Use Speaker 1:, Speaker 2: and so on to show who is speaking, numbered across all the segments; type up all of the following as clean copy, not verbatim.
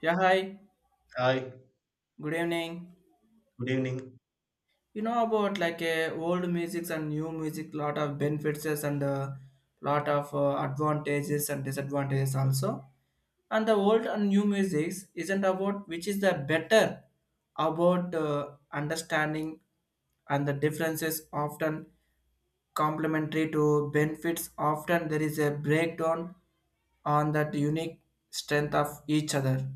Speaker 1: Yeah, hi.
Speaker 2: Hi,
Speaker 1: Good evening.
Speaker 2: good evening.
Speaker 1: You know about like old music and new music, lot of benefits and lot of advantages and disadvantages also. And the old and new music isn't about which is the better about understanding and the differences often complementary to benefits. Often there is a breakdown on that unique strength of each other,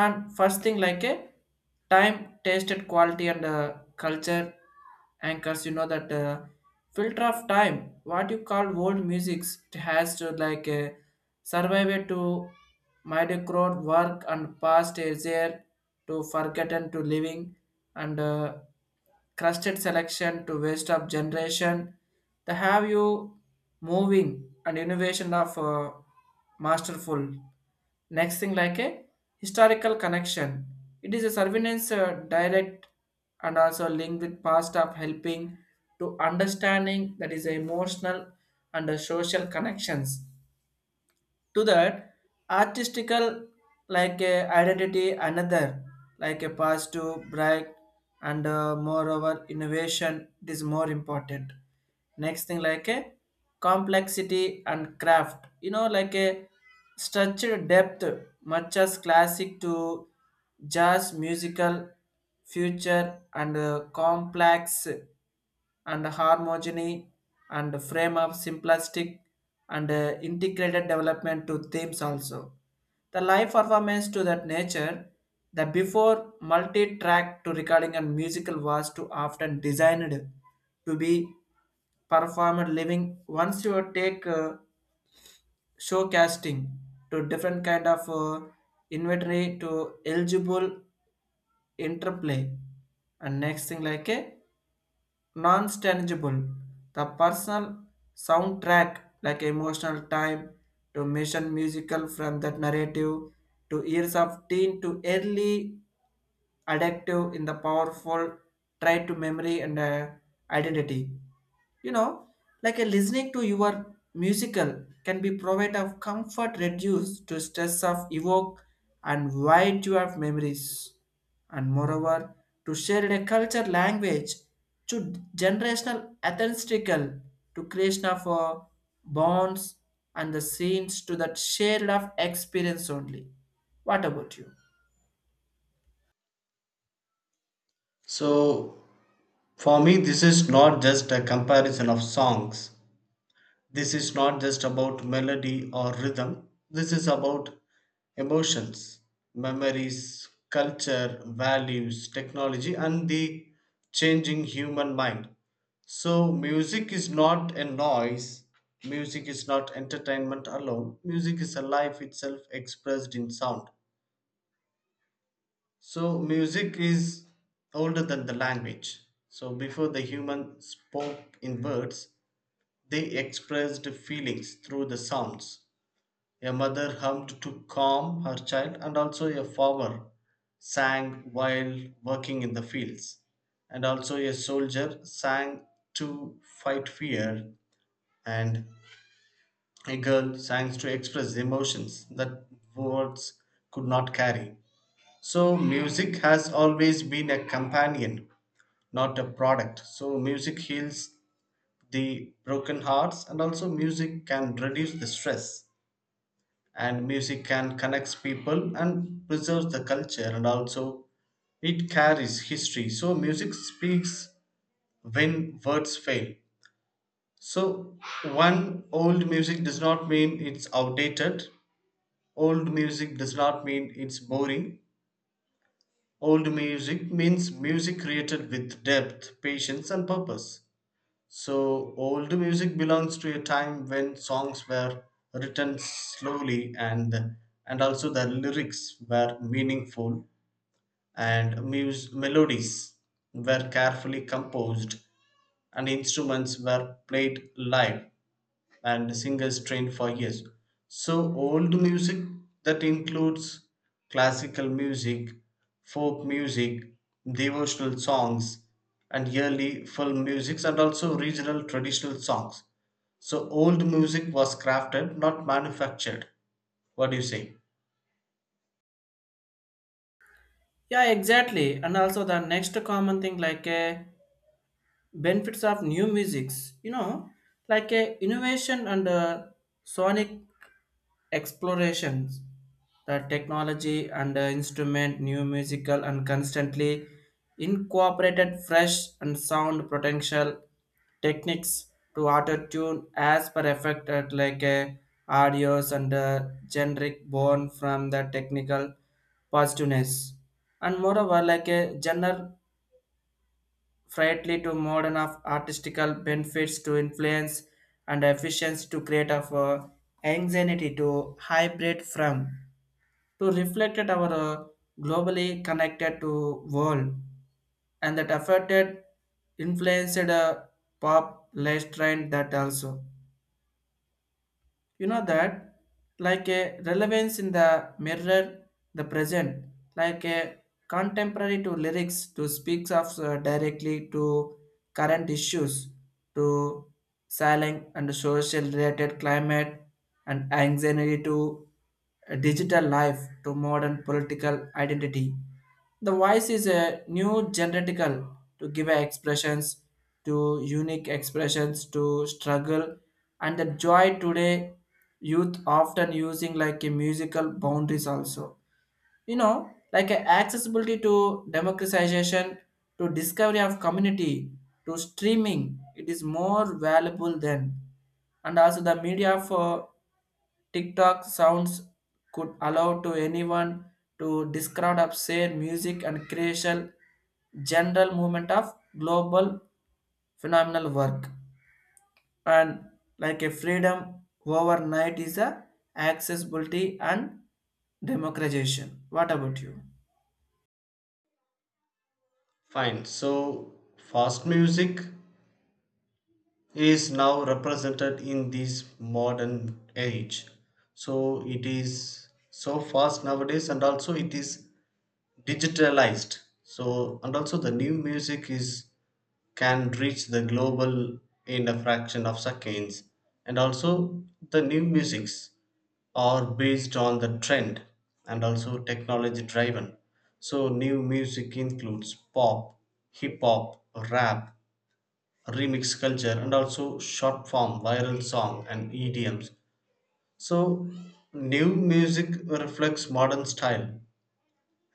Speaker 1: and first thing like a time tasted quality and culture anchors, you know that filter of time what you call old music has to like survive it to mediocre work, and past is there to forgotten to living, and crusted selection to waste of generation. The have you moving and innovation of masterful. Next thing like a historical connection. It is a surveillance direct and also linked with past of helping to understanding that is emotional and social connections to that artistical like a identity another like a past to break, and moreover innovation it is more important. Next thing like a complexity and craft, you know, like a structured depth much as classic to jazz musical future and complex and harmony and frame of simplistic and integrated development to themes also. The live performance to that nature, the before multi-track to recording and musical was too often designed to be performed living. Once you take showcasting to different kind of inventory to eligible interplay, and next thing like a non-tangible, the personal soundtrack like emotional time to mission musical from that narrative to years of teen to early addictive in the powerful try to memory and identity, you know, like a listening to your musical can be provide of comfort reduce to stress of evoke and wide you have memories, and moreover to share a culture language to generational authentical to creation of bonds and the scenes to that shared of experience only. What about you?
Speaker 2: So, for me, this is not just a comparison of songs. This is not just about melody or rhythm. This is about emotions, memories, culture, values, technology, and the changing human mind. So, music is not a noise. Music is not entertainment alone. Music is a life itself expressed in sound. So music is older than the language. So before the human spoke in words, they expressed feelings through the sounds. A mother hummed to calm her child, and also a farmer sang while working in the fields. And also a soldier sang to fight fear, and a girl sang to express emotions that words could not carry. So, music has always been a companion, not a product. So, music heals the broken hearts, and also, music can reduce the stress, and music can connect people and preserve the culture, and also, it carries history. So, music speaks when words fail. So, one old music does not mean it's outdated, old music does not mean it's boring. Old music means music created with depth, patience, and purpose. So, old music belongs to a time when songs were written slowly, and also the lyrics were meaningful and melodies were carefully composed and instruments were played live and singers trained for years. So, old music that includes classical music, folk music, devotional songs, and yearly film musics, and also regional traditional songs. So, old music was crafted, not manufactured. What do you say?
Speaker 1: Yeah, exactly. And also the next common thing like benefits of new musics, you know, like innovation and sonic explorations, the technology and the instrument new musical and constantly incorporated fresh and sound potential techniques to auto tune as per effect at like a audios and generic born from the technical positiveness, and moreover like a general frightly to modern of artistical benefits to influence and efficiency to create of anxiety to hybrid from to reflected our globally connected to world, and that affected influenced a pop less trend that also, you know that like a relevance in the mirror the present like a contemporary to lyrics to speaks of directly to current issues to silent and social related climate and anxiety to a digital life to modern political identity. The voice is a new genetical to give expressions to unique expressions to struggle and the joy today youth often using like a musical boundaries also, you know, like a accessibility to democratization to discovery of community to streaming it is more valuable than, and also the media for tiktok sounds could allow to anyone to describe of share music and creation general movement of global phenomenal work and like a freedom overnight is a accessibility and democratization. What about you?
Speaker 2: Fine. So, fast music is now represented in this modern age. So, it is so fast nowadays, and also it is digitalized, so and also the new music is can reach the global in a fraction of seconds, and also the new musics are based on the trend and also technology driven. So new music includes pop, hip hop, rap, remix culture, and also short form viral song and idioms. So new music reflects modern style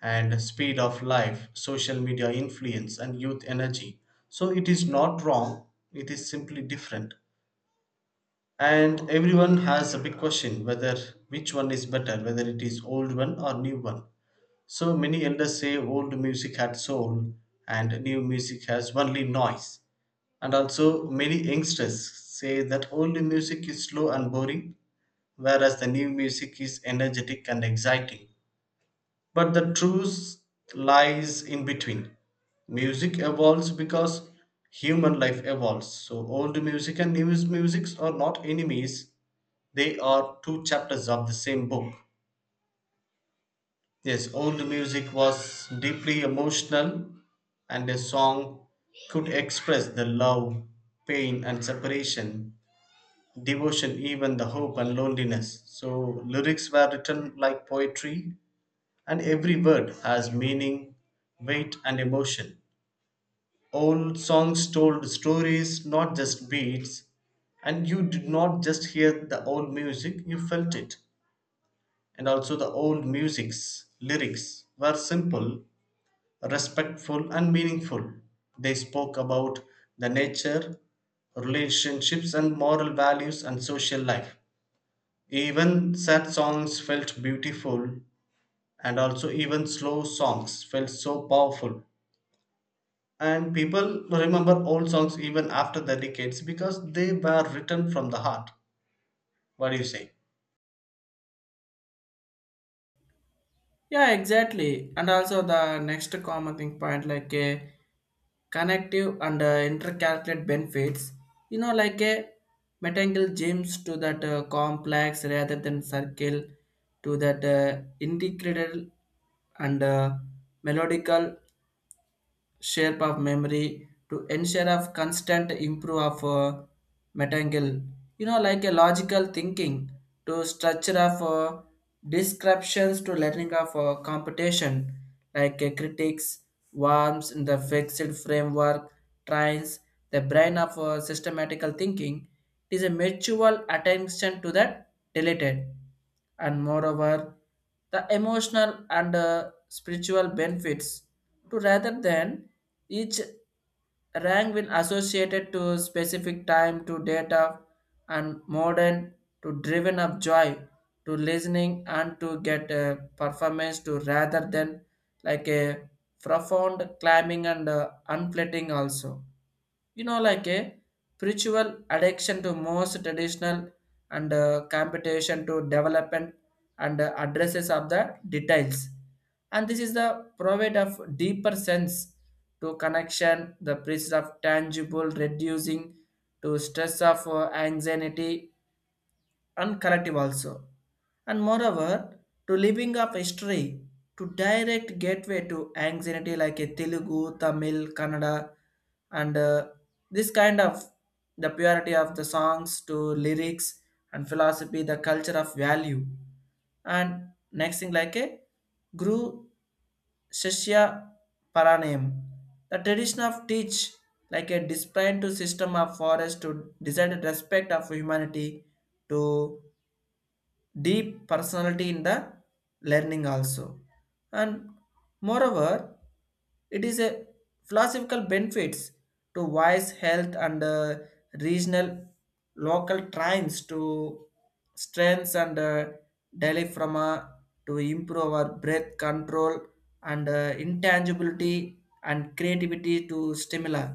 Speaker 2: and speed of life, social media influence, and youth energy. So it is not wrong, it is simply different. And everyone has a big question whether which one is better, whether it is old one or new one. So many elders say old music had soul and new music has only noise. And also, many youngsters say that old music is slow and boring, whereas the new music is energetic and exciting. But the truth lies in between. Music evolves because human life evolves. So old music and new musics are not enemies. They are two chapters of the same book. Yes, old music was deeply emotional and a song could express the love, pain and separation, devotion, even the hope and loneliness. So lyrics were written like poetry and every word has meaning, weight, and emotion. Old songs told stories, not just beats, and you did not just hear the old music, you felt it. And also, the old music's lyrics were simple, respectful, and meaningful. They spoke about the nature, relationships, and moral values and social life. Even sad songs felt beautiful, and also, even slow songs felt so powerful, and people remember old songs even after the decades because they were written from the heart. What do you say?
Speaker 1: Yeah, exactly. And also the next common thing point like a connective and intercalculate benefits. You know, like a metangle gyms to that complex rather than circle to that integrated and melodical shape of memory to ensure of constant improve of metangle. You know, like a logical thinking to structure of descriptions to learning of computation, like critics, worms in the fixed framework, trains, the brain of systematical thinking. It is a mutual attention to that deleted, and moreover the emotional and spiritual benefits to rather than each rank will associated to specific time to data and modern to driven of joy to listening and to get a performance to rather than like a profound climbing and unflating also, you know, like a spiritual addiction to most traditional and competition to development and addresses of the details, and this is the provide of deeper sense to connection the presence of tangible reducing to stress of anxiety and collective also. And moreover, to living up history, to direct gateway to anxiety like a Telugu, Tamil, Kannada, and this kind of the purity of the songs to lyrics and philosophy, the culture of value. And next thing like a Guru Shishya Paranayam, the tradition of teach like a discipline to system of forest to decided respect of humanity to deep personality in the learning also, and moreover it is a philosophical benefits to wise health and regional local trends to strengths and daily from to improve our breath control and intangibility and creativity to stimuli.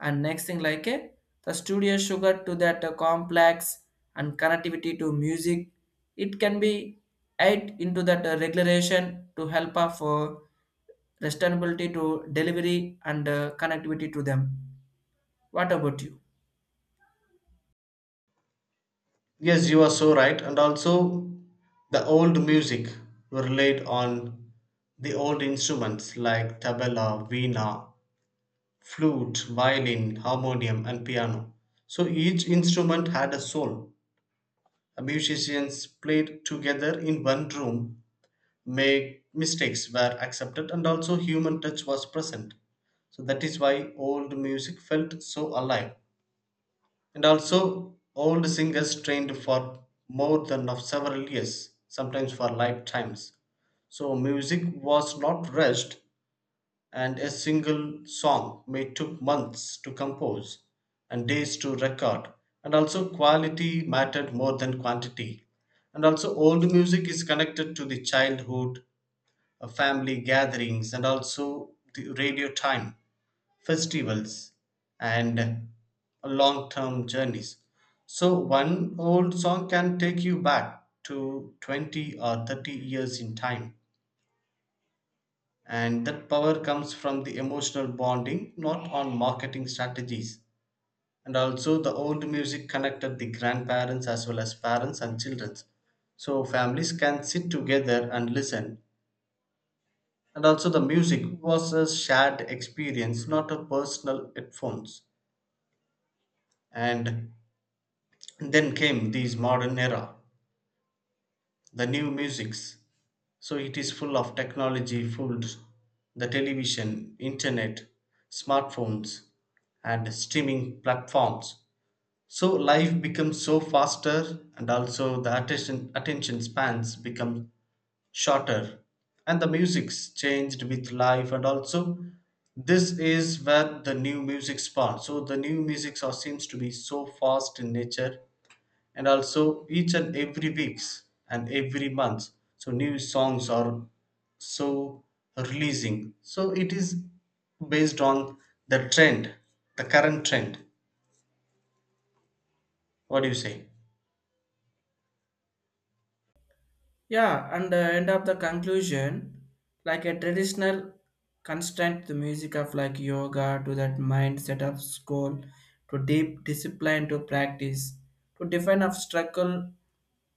Speaker 1: And next thing like the studio sugar to that complex and connectivity to music, it can be add into that regulation to help for sustainability to delivery and connectivity to them. What about you?
Speaker 2: Yes, you are so right. And also the old music relied on the old instruments like tabla, veena, flute, violin, harmonium, and piano. So each instrument had a soul. The musicians played together in one room, make mistakes were accepted, and also human touch was present. So that is why old music felt so alive. And also old singers trained for more than of several years, sometimes for lifetimes. So music was not rushed, and a single song may took months to compose and days to record, and also quality mattered more than quantity. And also old music is connected to the childhood, family gatherings, and also the radio time, festivals, and long term journeys. So, one old song can take you back to 20 or 30 years in time. And that power comes from the emotional bonding, not on marketing strategies. And also, the old music connected the grandparents as well as parents and children. So, families can sit together and listen, and also the music was a shared experience, not a personal headphones. And then came this modern era, the new musics. So it is full of technology full, the television, internet, smartphones, and streaming platforms. So life becomes so faster, and also the attention spans become shorter, and the music's changed with life. And also this is where the new music spawns. So the new music seems to be so fast in nature, and also each and every weeks and every month so new songs are so releasing. So it is based on the trend, the current trend. What do you say?
Speaker 1: Yeah, and the end of the conclusion, like a traditional constant, the music of like yoga to that mindset of school, to deep discipline to practice, to define of struggle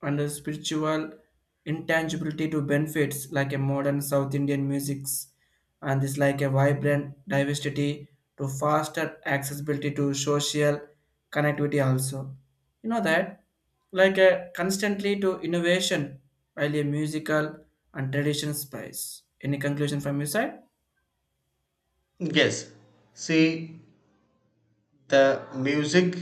Speaker 1: and a spiritual intangibility to benefits like a modern South Indian musics, and this like a vibrant diversity to faster accessibility to social connectivity also. You know that like a constantly to innovation while a musical and tradition space. Any conclusion from your side?
Speaker 2: Yes, see, the music.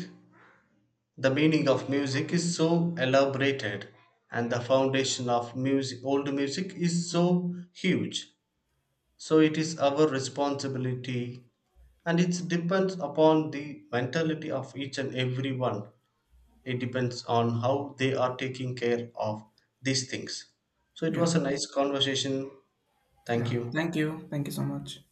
Speaker 2: The meaning of music is so elaborated and the foundation of music old music is so huge. So it is our responsibility and it depends upon the mentality of each and every one. It depends on how they are taking care of these things. So it was a
Speaker 1: Yeah.
Speaker 2: nice conversation. Thank
Speaker 1: Yeah.
Speaker 2: you.
Speaker 1: Thank you. Thank you so much.